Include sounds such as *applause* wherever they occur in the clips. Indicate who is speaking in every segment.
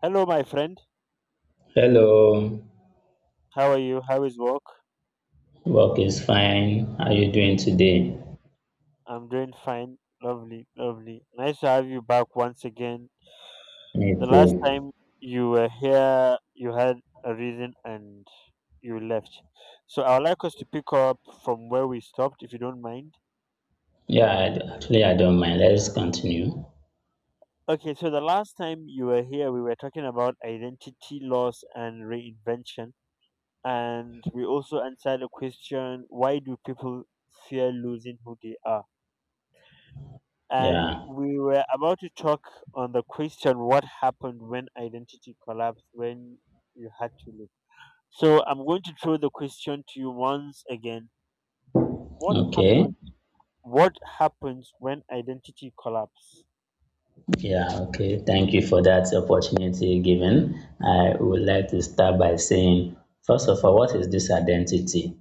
Speaker 1: Hello, my friend.
Speaker 2: Hello,
Speaker 1: How are you? How is work?
Speaker 2: work is fine. How are you doing
Speaker 1: Okay.
Speaker 2: today?
Speaker 1: I'm doing fine. Lovely, lovely. Nice to have you back once again.
Speaker 2: Me
Speaker 1: The last
Speaker 2: too.
Speaker 1: time you were here, you had a reason and you left. So I would like us to pick up from where we stopped, if you don't mind.
Speaker 2: Actually, I don't mind. Let's continue.
Speaker 1: Okay, so the last time you were here, we were talking about identity loss and reinvention. And we also answered a question: why do people fear losing who they are? And
Speaker 2: Yeah,
Speaker 1: we were about to talk on the question: what happened when identity collapsed, when you had to leave. So I'm going to throw the question to you once again: what
Speaker 2: okay.
Speaker 1: happened? What happens when identity collapse?
Speaker 2: Yeah, okay. Thank you for that opportunity given. I would like to start by saying, first of all, what is this identity?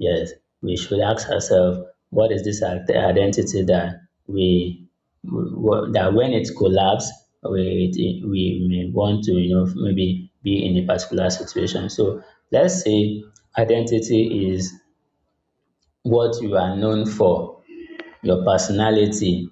Speaker 2: Yes, we should ask ourselves, what is this identity that we, that when it collapse, we may want to, maybe be in a particular situation. So let's say identity is what you are known for, your personality,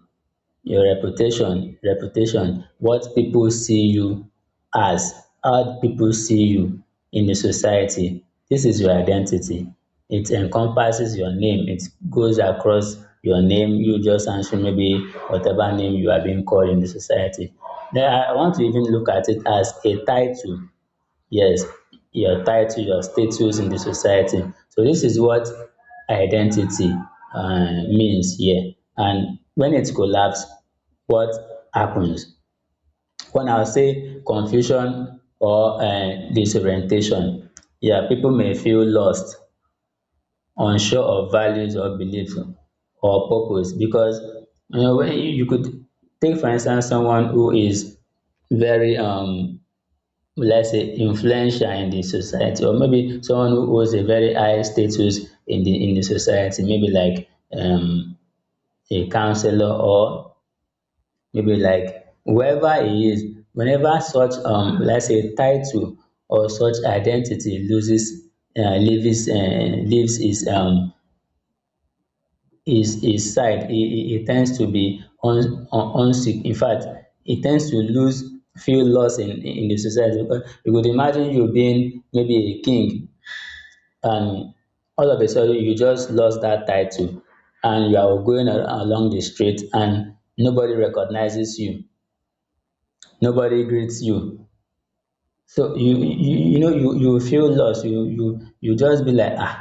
Speaker 2: your reputation, what people see you as, how people see you in the society. This is your identity. It encompasses your name. It goes across your name. You just answer maybe whatever name you are being called in the society. Then I want to even look at it as a title. Yes, your title, your status in the society. So this is what identity means here. And when it collapse, what happens? One, I'll say confusion or disorientation. Yeah, people may feel lost, unsure of values or belief or purpose. Because you know, when you could take for instance someone who is very let's say influential in the society, or maybe someone who holds a very high status in the society, maybe like um, a counselor or maybe like whoever he is. Whenever such let's say title or such identity loses, leaves, leaves his um his side, he tends to be un un unsick. In fact, he tends to lose feel lost in the society. Because you could imagine you being maybe a king, and all of a sudden you just lost that title, and you are going along the street and nobody recognizes you, nobody greets you. So you feel lost. You just be like, ah,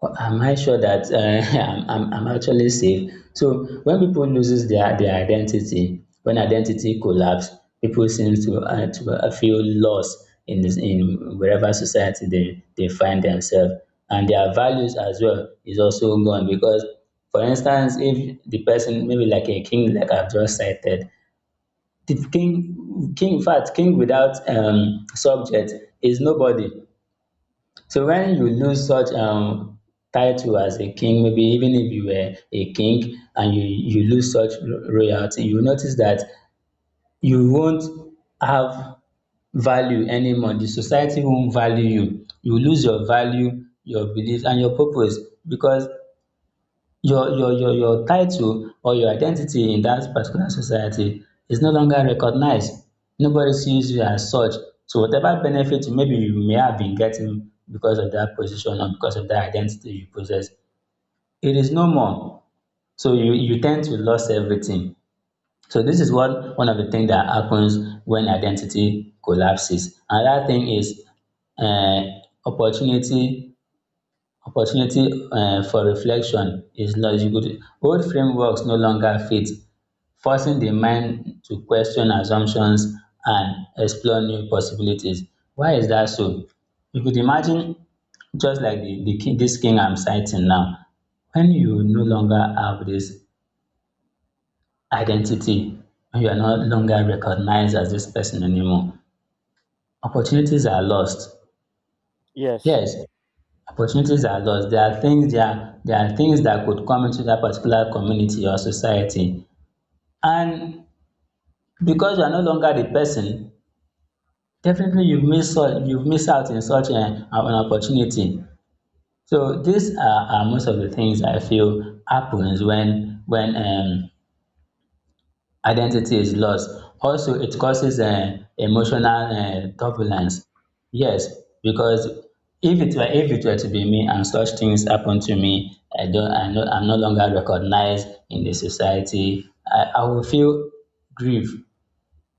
Speaker 2: well, am I sure that *laughs* I'm actually safe? So when people loses their identity, when identity collapse, people seem to, feel lost in in wherever society they find themselves, and their values as well is also gone. Because, for instance, if the person maybe like a king, like I've just cited, the king, in fact, king without subject is nobody. So when you lose such title as a king, maybe even if you were a king and you lose such royalty, you notice that you won't have value anymore. The society won't value you. You lose your value, your belief, and your purpose. Because your title or your identity in that particular society is no longer recognized. Nobody sees you as such. So whatever benefit maybe you may have been getting because of that position or because of that identity you possess, it is no more. So you tend to lose everything. So this is one of the things that happens when identity collapses. Another thing is um opportunity Opportunity for reflection is lost. Old frameworks no longer fit, forcing the mind to question assumptions and explore new possibilities. Why is that so? You could imagine, just like the king, this king I'm citing now, when you no longer have this identity, when you are no longer recognized as this person anymore, opportunities are lost.
Speaker 1: Yes.
Speaker 2: Yes, opportunities are lost. There are things that could come into that particular community or society, and because you are no longer the person, definitely you have miss out you miss out in such an opportunity. So these are most of the things I feel happens when identity is lost. Also, it causes emotional turbulence. Yes, because if it were to be me and such things happen to me, I'm no longer recognized in the society. I will feel grief.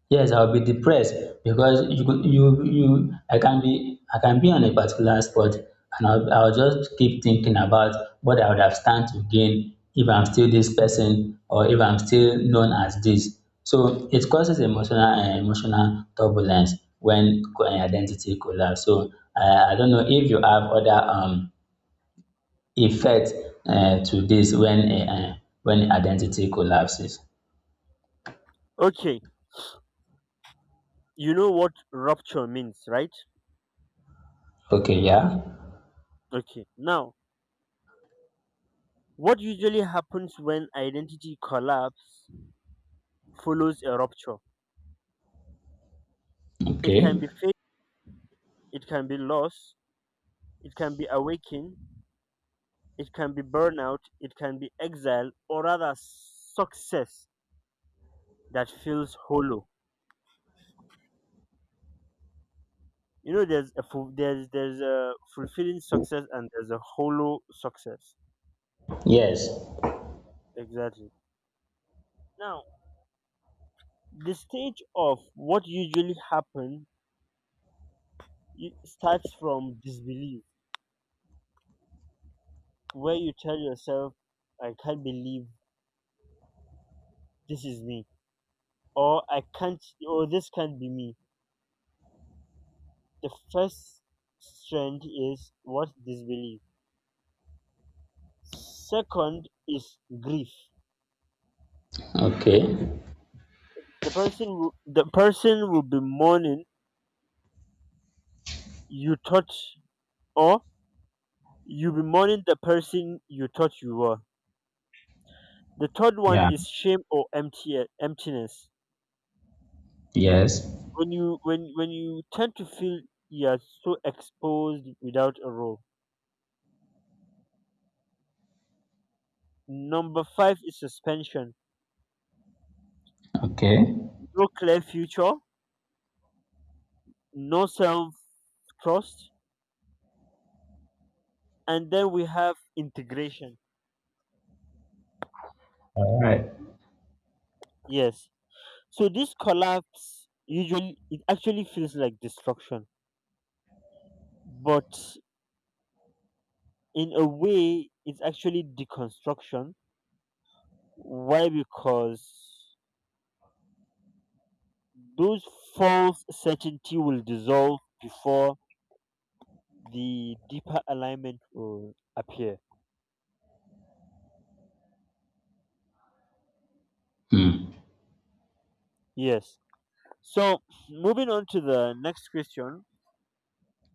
Speaker 2: Yes, I'll be depressed. Because you could you you I can be on a particular spot and I'll just keep thinking about what I would have stand to gain if I'm still this person or if I'm still known as this. So it causes emotional turbulence when identity collapse. So I don't know if you have other effect to this when identity collapses.
Speaker 1: Okay, you know what rupture means, right?
Speaker 2: Okay, yeah.
Speaker 1: Okay. Now, what usually happens when identity collapse follows a rupture. It can
Speaker 2: Okay.
Speaker 1: be faith, it can be loss, it can be awakening, it can be burnout, it can be exile, or rather success that feels hollow. You know, there's a fulfilling success and there's a hollow success.
Speaker 2: Yes.
Speaker 1: Exactly. Now, the stage of what usually happens starts from disbelief, where you tell yourself, "I can't believe this is me," or "I can't," or "This can't be me." The first strand is what disbelief. Second is grief.
Speaker 2: Okay.
Speaker 1: The person will be mourning you thought or you be mourning the person you thought you were. The third one
Speaker 2: Yeah.
Speaker 1: is shame or empty emptiness.
Speaker 2: Yes.
Speaker 1: When you tend to feel you are so exposed without a role. Number five is suspension.
Speaker 2: Okay.
Speaker 1: No clear future, no self trust, and then we have integration.
Speaker 2: All right.
Speaker 1: Yes. So this collapse usually, it actually feels like destruction, but in a way it's actually deconstruction. Why? Because those false certainty will dissolve before the deeper alignment will appear.
Speaker 2: Hmm.
Speaker 1: Yes. So, moving on to the next question: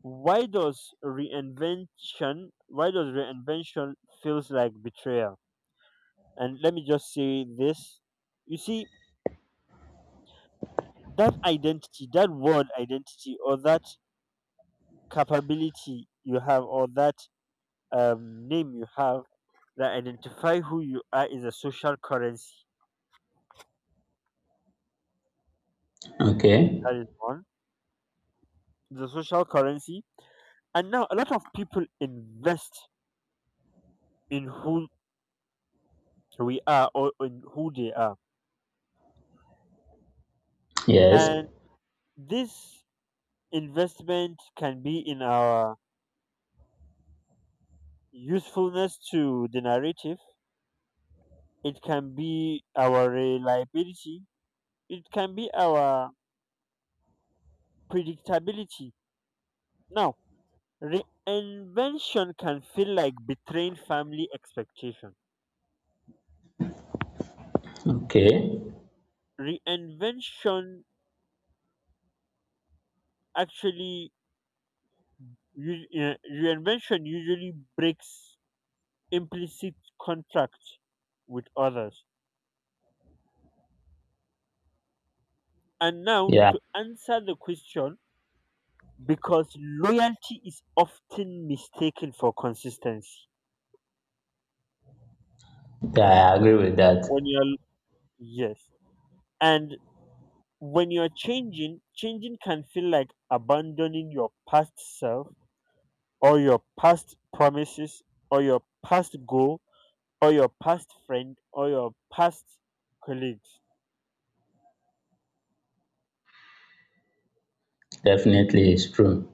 Speaker 1: why does reinvention feels like betrayal? And let me just say this. You see, that identity, that word identity, or that capability you have, or that name you have that identify who you are is a social currency.
Speaker 2: Okay.
Speaker 1: That is one: the social currency. And now a lot of people invest in who we are, or in who they are.
Speaker 2: Yes.
Speaker 1: And this investment can be in our usefulness to the narrative, it can be our reliability, it can be our predictability. Now, reinvention can feel like betraying family expectation.
Speaker 2: Okay.
Speaker 1: Reinvention actually u- uh, reinvention usually breaks implicit contract with others. And now,
Speaker 2: Yeah.
Speaker 1: to answer the question: because loyalty is often mistaken for consistency.
Speaker 2: Yeah, I agree with that.
Speaker 1: When you're yes and when you're changing, changing can feel like abandoning your past self, or your past promises, or your past goal, or your past friend, or your past colleagues.
Speaker 2: Definitely, it's true.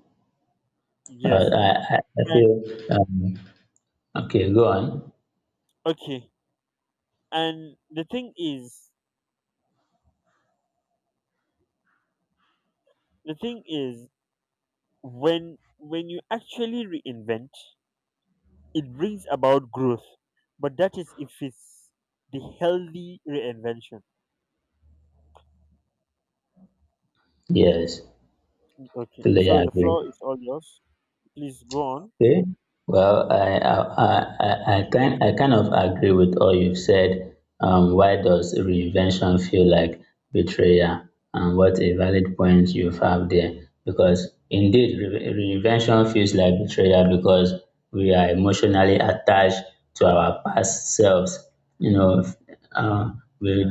Speaker 1: Yes.
Speaker 2: Uh, I I feel.
Speaker 1: And
Speaker 2: Um, okay. Go on.
Speaker 1: okay, and the thing is, when you actually reinvent, it brings about growth, but that is if it's the healthy reinvention.
Speaker 2: Yes.
Speaker 1: Okay,
Speaker 2: Totally
Speaker 1: so the
Speaker 2: agree.
Speaker 1: floor is all yours. Please go on.
Speaker 2: Okay. Well, I kind of agree with all you've said. Why does reinvention feel like betrayal? And what a valid point you've have there. Because indeed, reinvention feels like betrayal because we are emotionally attached to our past selves. You know, f- uh, we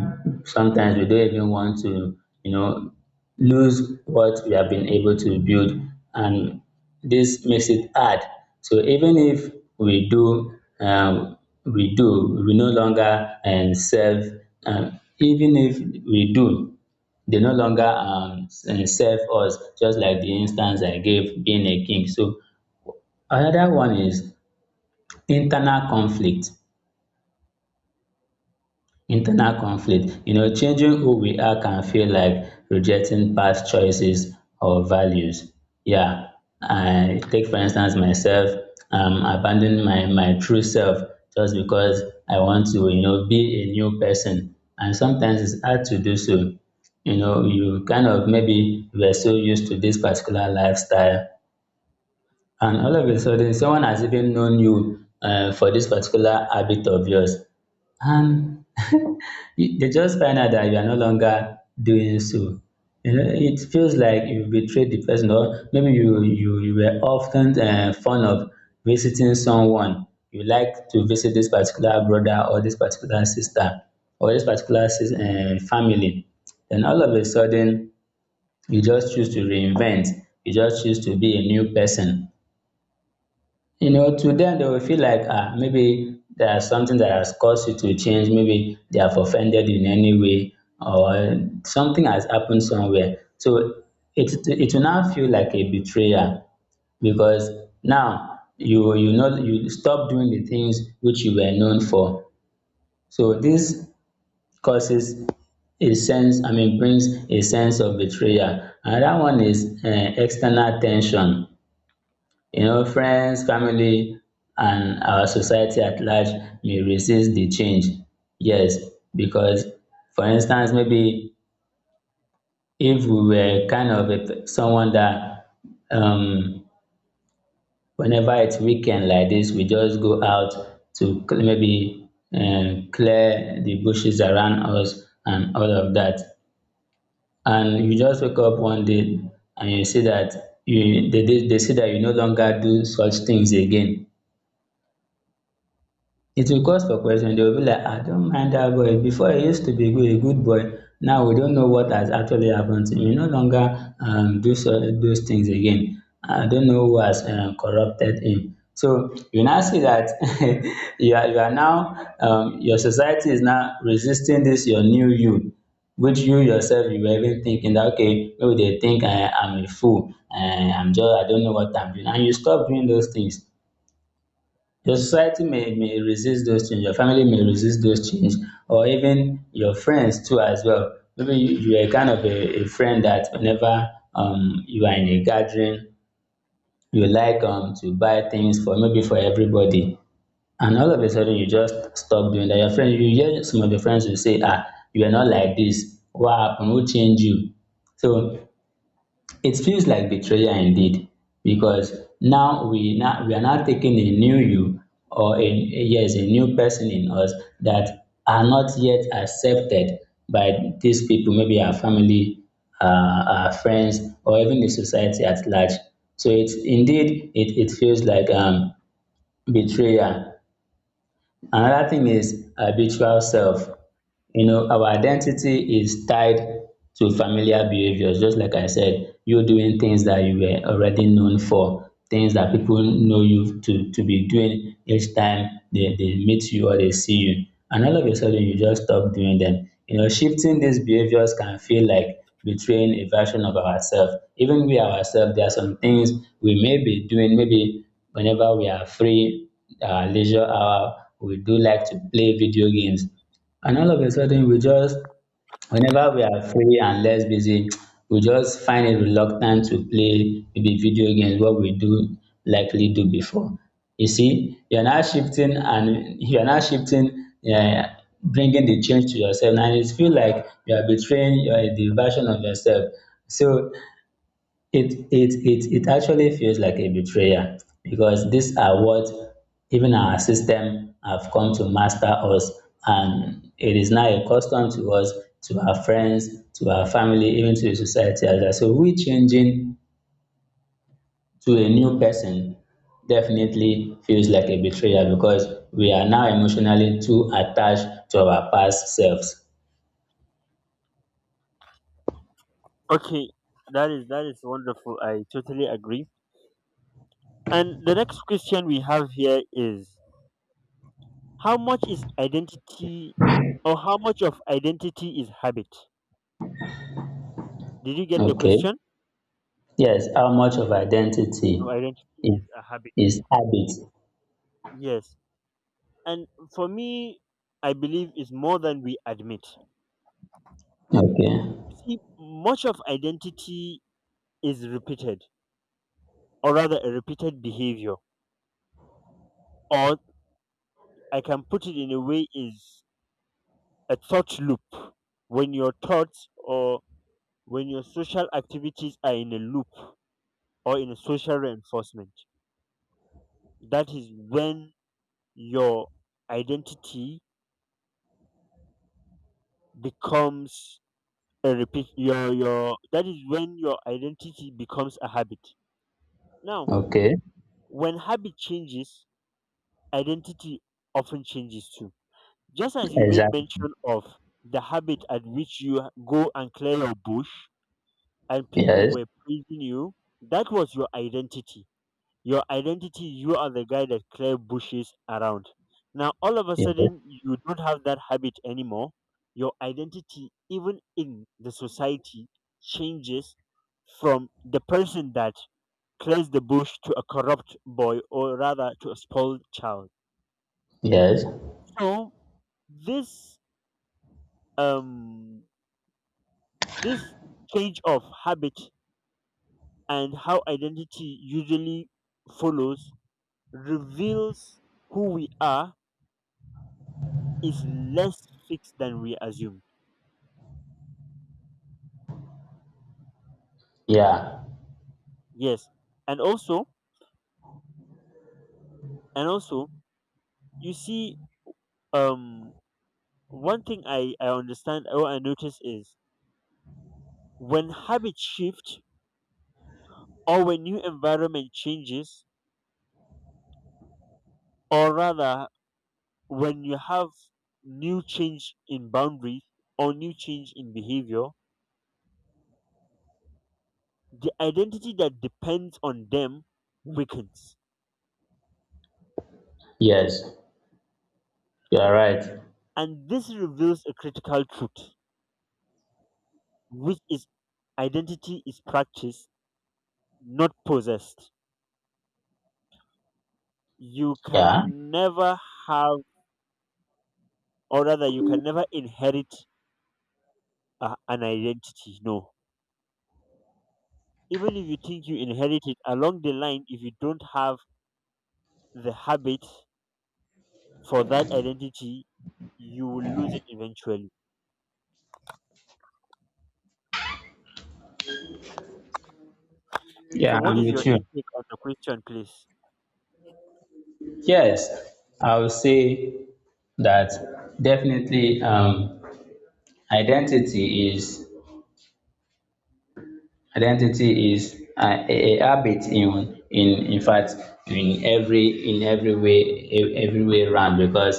Speaker 2: sometimes we don't even want to, you know, lose what we have been able to build, and this makes it hard. So even if we do, we do, we no longer serve, even if we do, they no longer serve us, just like the instance I gave being a king. So another one is internal conflict. Internal conflict, you know, changing who we are can feel like rejecting past choices or values. Yeah, I take for instance myself, abandoning my true self just because I want to, be a new person. And sometimes it's hard to do so. You know, you kind of, maybe you are so used to this particular lifestyle, and all of a sudden, someone has even known you for this particular habit of yours, and *laughs* they just find out that you are no longer doing so. You know, it feels like you betrayed the person. Or maybe you were often fond of visiting someone. You like to visit this particular brother or this particular sister or this particular family. Then all of a sudden, you just choose to reinvent. You just choose to be a new person. You know, to them they will feel like, ah, maybe there is something that has caused you to change, maybe they have offended you in any way, or something has happened somewhere. So it will now feel like a betrayal, because now you know you stop doing the things which you were known for. So this causes a sense, I mean brings a sense of betrayal. Another one is external ten sion. You know, friends, family, and our society at large may resist the change. Yes, because for instance, maybe if we were kind of a, someone that um, whenever it's weekend like this, we just go out to cl- maybe clear the bushes around us and all of that. And you just wake up one day and you see that they see that you no longer do such things again. It will cause for question. They will be like, I don't mind that boy. Before he used to be good, a good boy. Now we don't know what has actually happened to him. He no longer do so, those things again. I don't know who has corrupted him. So you now see that *laughs* you are now your society is now resisting this your new you, which you yourself you were even thinking that, okay, maybe they think I am a fool, I am just, I don't know what I'm doing, and you stop doing those things. Your society may resist those change, your family may resist those change, or even your friends too as well. Maybe you are kind of a friend that whenever you are in a gathering, you like to buy things for maybe for everybody, and all of a sudden you just stop doing that. Your friend, you hear some of your friends will say, “Ah, you are not like this. What happened? Who changed you?” So it feels like betrayal indeed, because now we are now taking a new you, or a, yes, a new person in us that are not yet accepted by these people, maybe our family, our friends, or even the society at large. So it's indeed it feels like betrayal. Another thing is habitual self. You know, our identity is tied to familiar behaviors, just like I said, you doing things that you were already known for, things that people know you to be doing each time they meet you or they see you. And all of a sudden, you just stop doing them. You know, shifting these behaviors can feel like betraying a version of ourselves. Even we ourselves, there are some things we may be doing, maybe whenever we are free, our leisure hour, we do like to play video games. And all of a sudden, we just, whenever we are free and less busy, *tsk* we just find it reluctant to play maybe video games, what we do likely do before. You see, you're now shifting and you're now shifting, yeah, bringing the change to yourself, and it feels like you are betraying the version of yourself. So it actually feels like a betrayal, because these are what even our system have come to master us, and it is now a custom to us, to our friends, to our family, even to the society as well. So we changing to a new person definitely feels like a betrayal, because we are now emotionally too attached to our past selves.
Speaker 1: Okay, that is wonderful. I totally agree. And the next question we have here is: how much is identity, or how much of identity is habit? Did you get the
Speaker 2: Okay.
Speaker 1: question?
Speaker 2: Yes, how much of
Speaker 1: Of
Speaker 2: identity
Speaker 1: identity
Speaker 2: is
Speaker 1: is a habit.
Speaker 2: is habit.
Speaker 1: Yes. And for me, I believe is more than we admit.
Speaker 2: Okay.
Speaker 1: You see, much of identity is repeated, or rather a repeated behavior. Or I can put it in a way is a thought loop. When your thoughts, or when your social activities are in a loop, or in a social reinforcement, that is when your identity becomes a repeat your that is when your identity becomes a habit. Now,
Speaker 2: Okay,
Speaker 1: when habit changes, identity often changes too, just as you made
Speaker 2: exactly.
Speaker 1: mention of: the habit at which you go and clear your bush and people
Speaker 2: Yes,
Speaker 1: were praising you, that was your identity. Your identity, you are the guy that clear bushes around. Now all of a
Speaker 2: yes,
Speaker 1: sudden you don't have that habit anymore. Your identity even in the society changes from the person that clears the bush to a corrupt boy, or rather to a spoiled child.
Speaker 2: yes,
Speaker 1: So this um this change of habit, and how identity usually follows, reveals who we are is less fixed than we assumed.
Speaker 2: yeah,
Speaker 1: Yes. And also and also, you see, um one thing I understand or I notice is: when habit shift, or when new environment changes, or rather when you have new change in boundaries, or new change in behavior, the identity that depends on them weakens.
Speaker 2: yes, you are right.
Speaker 1: And this reveals a critical truth, which is: identity is practice, not possessed. You
Speaker 2: Yeah,
Speaker 1: can never have, or rather, you can never inherit an identity. No. Even if you think you inherit it, along the line, if you don't have the habit for that identity, you will lose it eventually. So,
Speaker 2: yeah,
Speaker 1: what
Speaker 2: I'm
Speaker 1: is
Speaker 2: with
Speaker 1: your
Speaker 2: you.
Speaker 1: intake on the question, please?
Speaker 2: Yes, I will say that definitely identity is identity is a habit, in fact, in every way, every way around. Because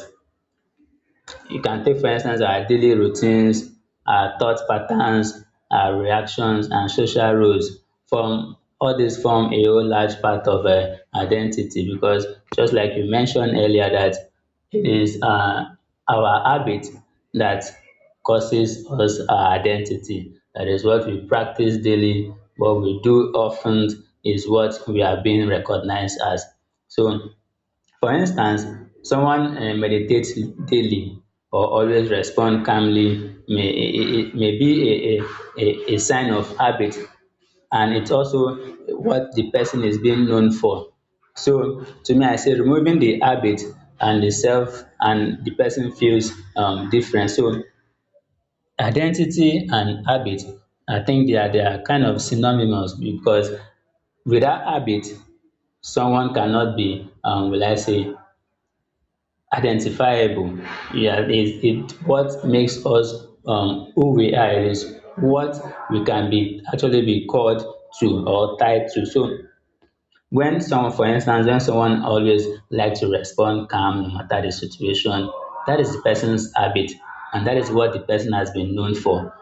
Speaker 2: you can take for instance our daily routines, our thought patterns, our reactions and social roles. From all these form a whole large part of identity, because just like you mentioned earlier that it is our habit that causes us our identity. That is what we practice daily, what we do often is what we are being recognized as. So for instance, someone meditates daily or always respond calmly may a a may be a sign of habit, and it's also what the person is being known for. So to me, I say removing the habit and the self and the person feels different. So identity and habit, I think they are kind of synonymous, because without habit, someone cannot be will I say identifiable. Yeah, it what makes us who we are. It is what we can be actually be called to or tied to. So when someone, for instance, when someone always likes to respond calm no matter the situation, that is the person's habit, and that is what the person has been known for,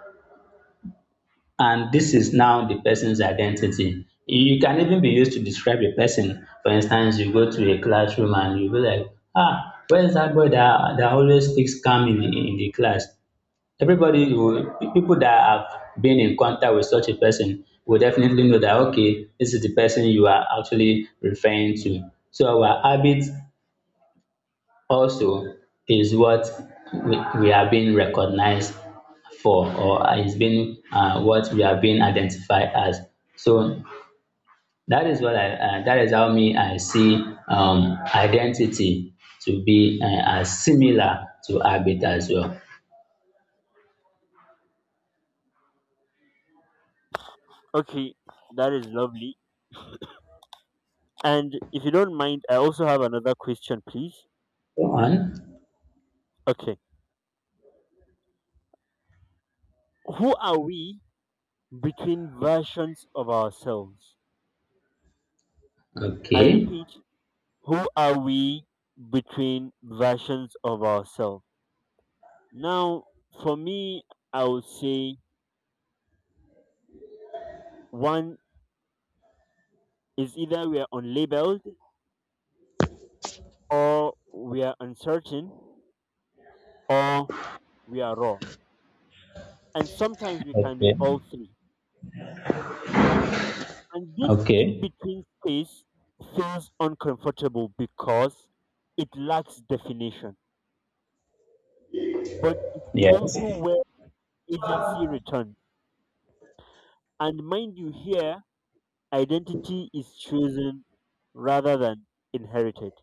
Speaker 2: and this is now the person's identity. You can even be used to describe a person. For instance, you go to a classroom and you be like, ah, where's that boy that always speaks calm in the class? People that have been in contact with such a person will definitely know that, okay, this is the person you are actually referring to. So our habits also is what we are being recognized for, or is being what we are being identified as. So that is how me I see identity to be as similar to habit as well.
Speaker 1: Okay, that is lovely. And if you don't mind, I also have another question, please.
Speaker 2: Go on.
Speaker 1: Okay. Who are we between versions of ourselves? I
Speaker 2: Okay.
Speaker 1: repeat: who are we between versions of ourselves? Now, for me, I would say one is either we are unlabeled, or we are uncertain, or we are raw. And sometimes we can be
Speaker 2: Okay.
Speaker 1: all three. And this in
Speaker 2: Okay.
Speaker 1: between space feels uncomfortable because it lacks definition. But it's
Speaker 2: Yes.
Speaker 1: also where agency returns. And mind you, here identity is chosen rather than inherited.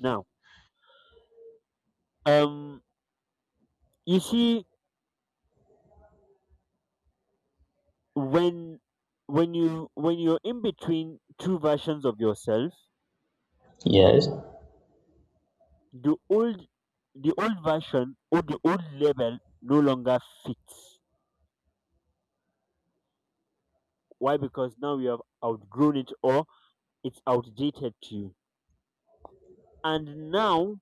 Speaker 1: Now, um you see, when when you're in between two versions of yourself,
Speaker 2: Yes.
Speaker 1: the old the old version, or the old label, no longer fits. Why? Because now you have outgrown it, or it's outdated to you. And now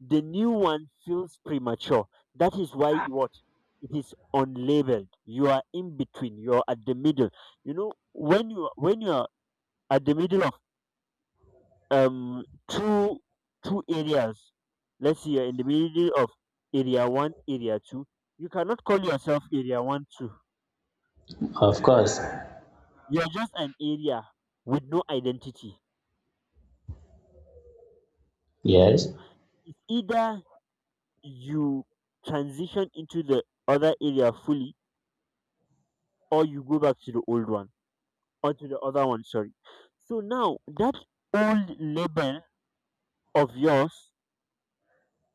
Speaker 1: the new one feels premature. That is why you what it is unlabeled. You are in between. You are at the middle. You know when you are at the middle of um two two areas. Let's say you're in the middle of area one, area two. You cannot call yourself area one two.
Speaker 2: Of course.
Speaker 1: You are just an area with no identity.
Speaker 2: Yes.
Speaker 1: It's either you transition into the other area fully, or you go back to the old one. Or to the other one, sorry. So now that old label of yours,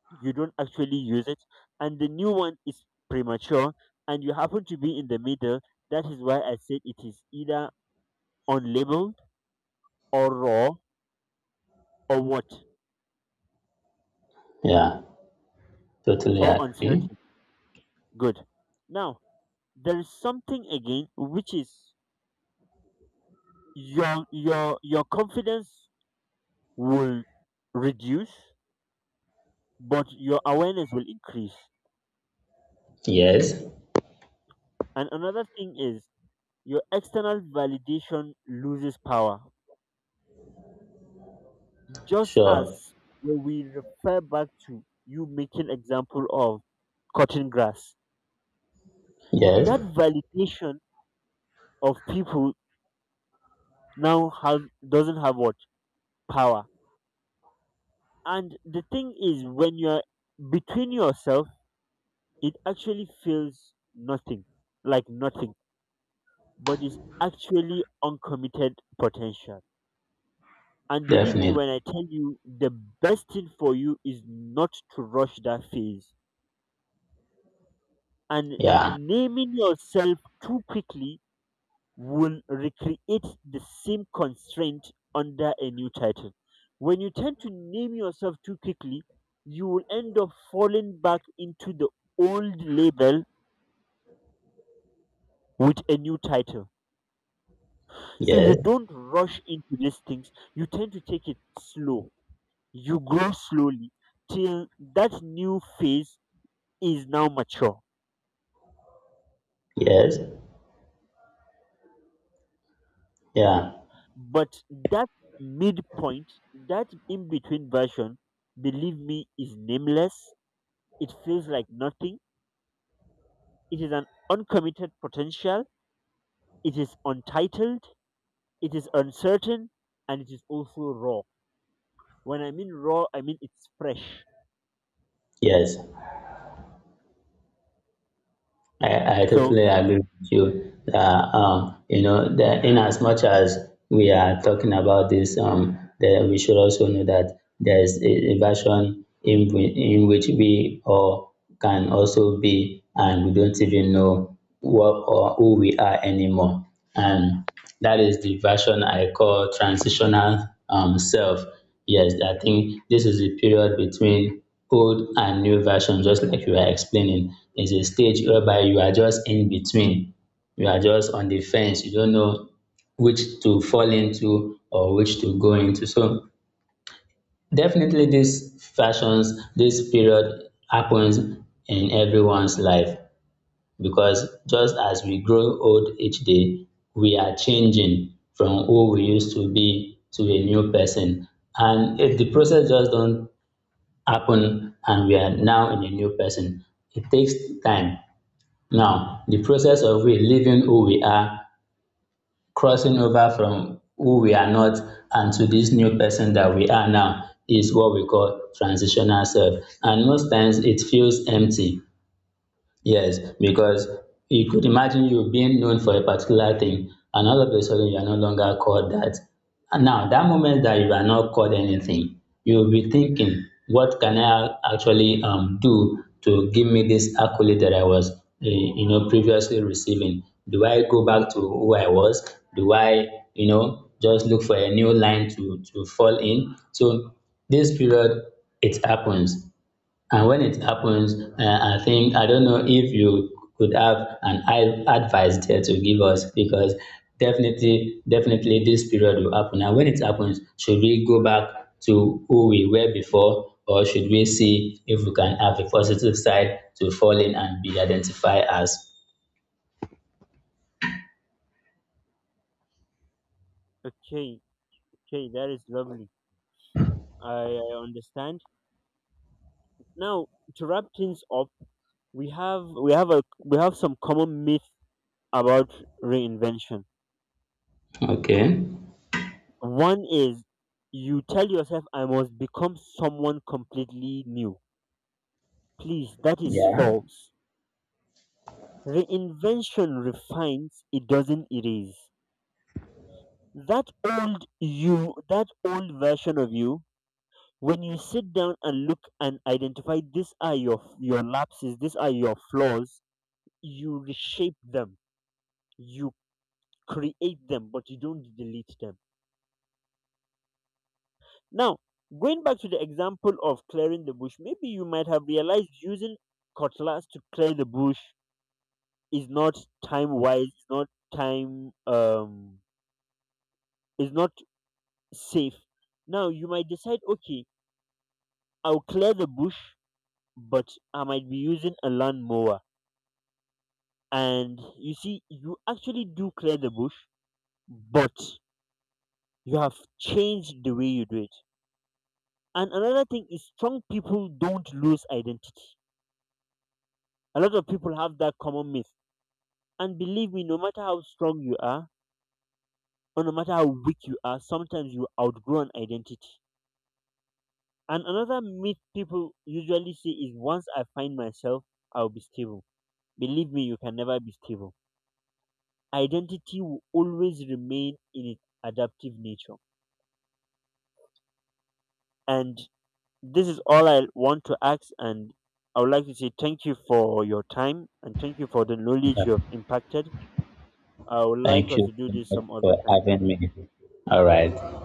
Speaker 1: you don't actually use it, and the new one is premature, and you happen to be in the middle. That is why I said it is either unlabeled, or raw, or what,
Speaker 2: Yeah. Totally
Speaker 1: or
Speaker 2: agree.
Speaker 1: uncertain. Good. Now there is something again, which is: your confidence will reduce, but your awareness will increase.
Speaker 2: Yes.
Speaker 1: And another thing is your external validation loses power. Just
Speaker 2: Sure.
Speaker 1: as when we refer back to you making example of cutting grass,
Speaker 2: Yes.
Speaker 1: that validation of people now have doesn't have what power. And the thing is, when you're between yourself, it actually feels nothing, like nothing, but it's actually uncommitted potential. And believe me
Speaker 2: Definitely.
Speaker 1: when I tell you, the best thing for you is not to rush that phase,
Speaker 2: Yeah.
Speaker 1: and naming yourself too quickly will recreate the same constraint under a new title. When you tend to name yourself too quickly, you will end up falling back into the old label with a new title. So you
Speaker 2: Yes.
Speaker 1: don't rush into these things. You tend to take it slow. You grow slowly till that new phase is now mature.
Speaker 2: Yes. Yeah.
Speaker 1: But that midpoint, that in between version, believe me, is nameless. It feels like nothing. It is an uncommitted potential. It is untitled. It is uncertain. And it is also raw. When I mean raw, I mean it's fresh.
Speaker 2: Yes. I
Speaker 1: So,
Speaker 2: totally agree with you that you know that in as much as we are talking about this, that we should also know that there is a version in which we all can also be, and we don't even know what or who we are anymore. And that is the version I call transitional self. Yes, I think this is the period between old and new version, just like you are explaining. It's a stage whereby you are just in between. You are just on the fence. You don't know which to fall into or which to go into. So definitely these fashions, this period happens in everyone's life, because just as we grow old each day, we are changing from who we used to be to a new person. And if the process just don't happen and we are now in a new person, it takes time. Now, the process of we leaving who we are, crossing over from who we are not, and to this new person that we are now is what we call transitional self. And most times it feels empty. Yes, because you could imagine you being known for a particular thing, and all of a sudden you are no longer called that. And now, that moment that you are not called anything, you will be thinking, what can I actually do to give me this accolade that I was, previously receiving? Do I go back to who I was? Do I, just look for a new line to fall in? So this period, it happens. And when it happens, I think, I don't know if you could have an advice there to give us, because definitely, definitely this period will happen. And when it happens, should we go back to who we were before, or should we see if we can have a positive side to fall in and be identified as?
Speaker 1: okay, okay, that is lovely. I understand. Now, to wrap things up, we have some common myth about reinvention.
Speaker 2: Okay.
Speaker 1: One is you tell yourself, I must become someone completely new. Please, that is
Speaker 2: Yeah.
Speaker 1: false. Reinvention refines, it doesn't erase. That old you, that old version of you, when you sit down and look and identify these are your lapses, these are your flaws, you reshape them, you create them, but you don't delete them. Now, going back to the example of clearing the bush, maybe you might have realized using cutlass to clear the bush is not time wise, is not time is not safe. Now you might decide, okay, I'll clear the bush, but I might be using a lawnmower. And you see, you actually do clear the bush, but you have changed the way you do it. And another thing is: strong people don't lose identity. A lot of people have that common myth. And believe me, no matter how strong you are, or no matter how weak you are, sometimes you outgrow an identity. And another myth people usually say is: once I find myself, I'll be stable. Believe me, you can never be stable. Identity will always remain in its adaptive nature. And this is all I want to ask. And I would like to say thank you for your time, and thank you for the knowledge you have impacted. I would like
Speaker 2: Thank
Speaker 1: us
Speaker 2: you
Speaker 1: to do
Speaker 2: so
Speaker 1: this
Speaker 2: much
Speaker 1: some other
Speaker 2: for
Speaker 1: time.
Speaker 2: having me. All right.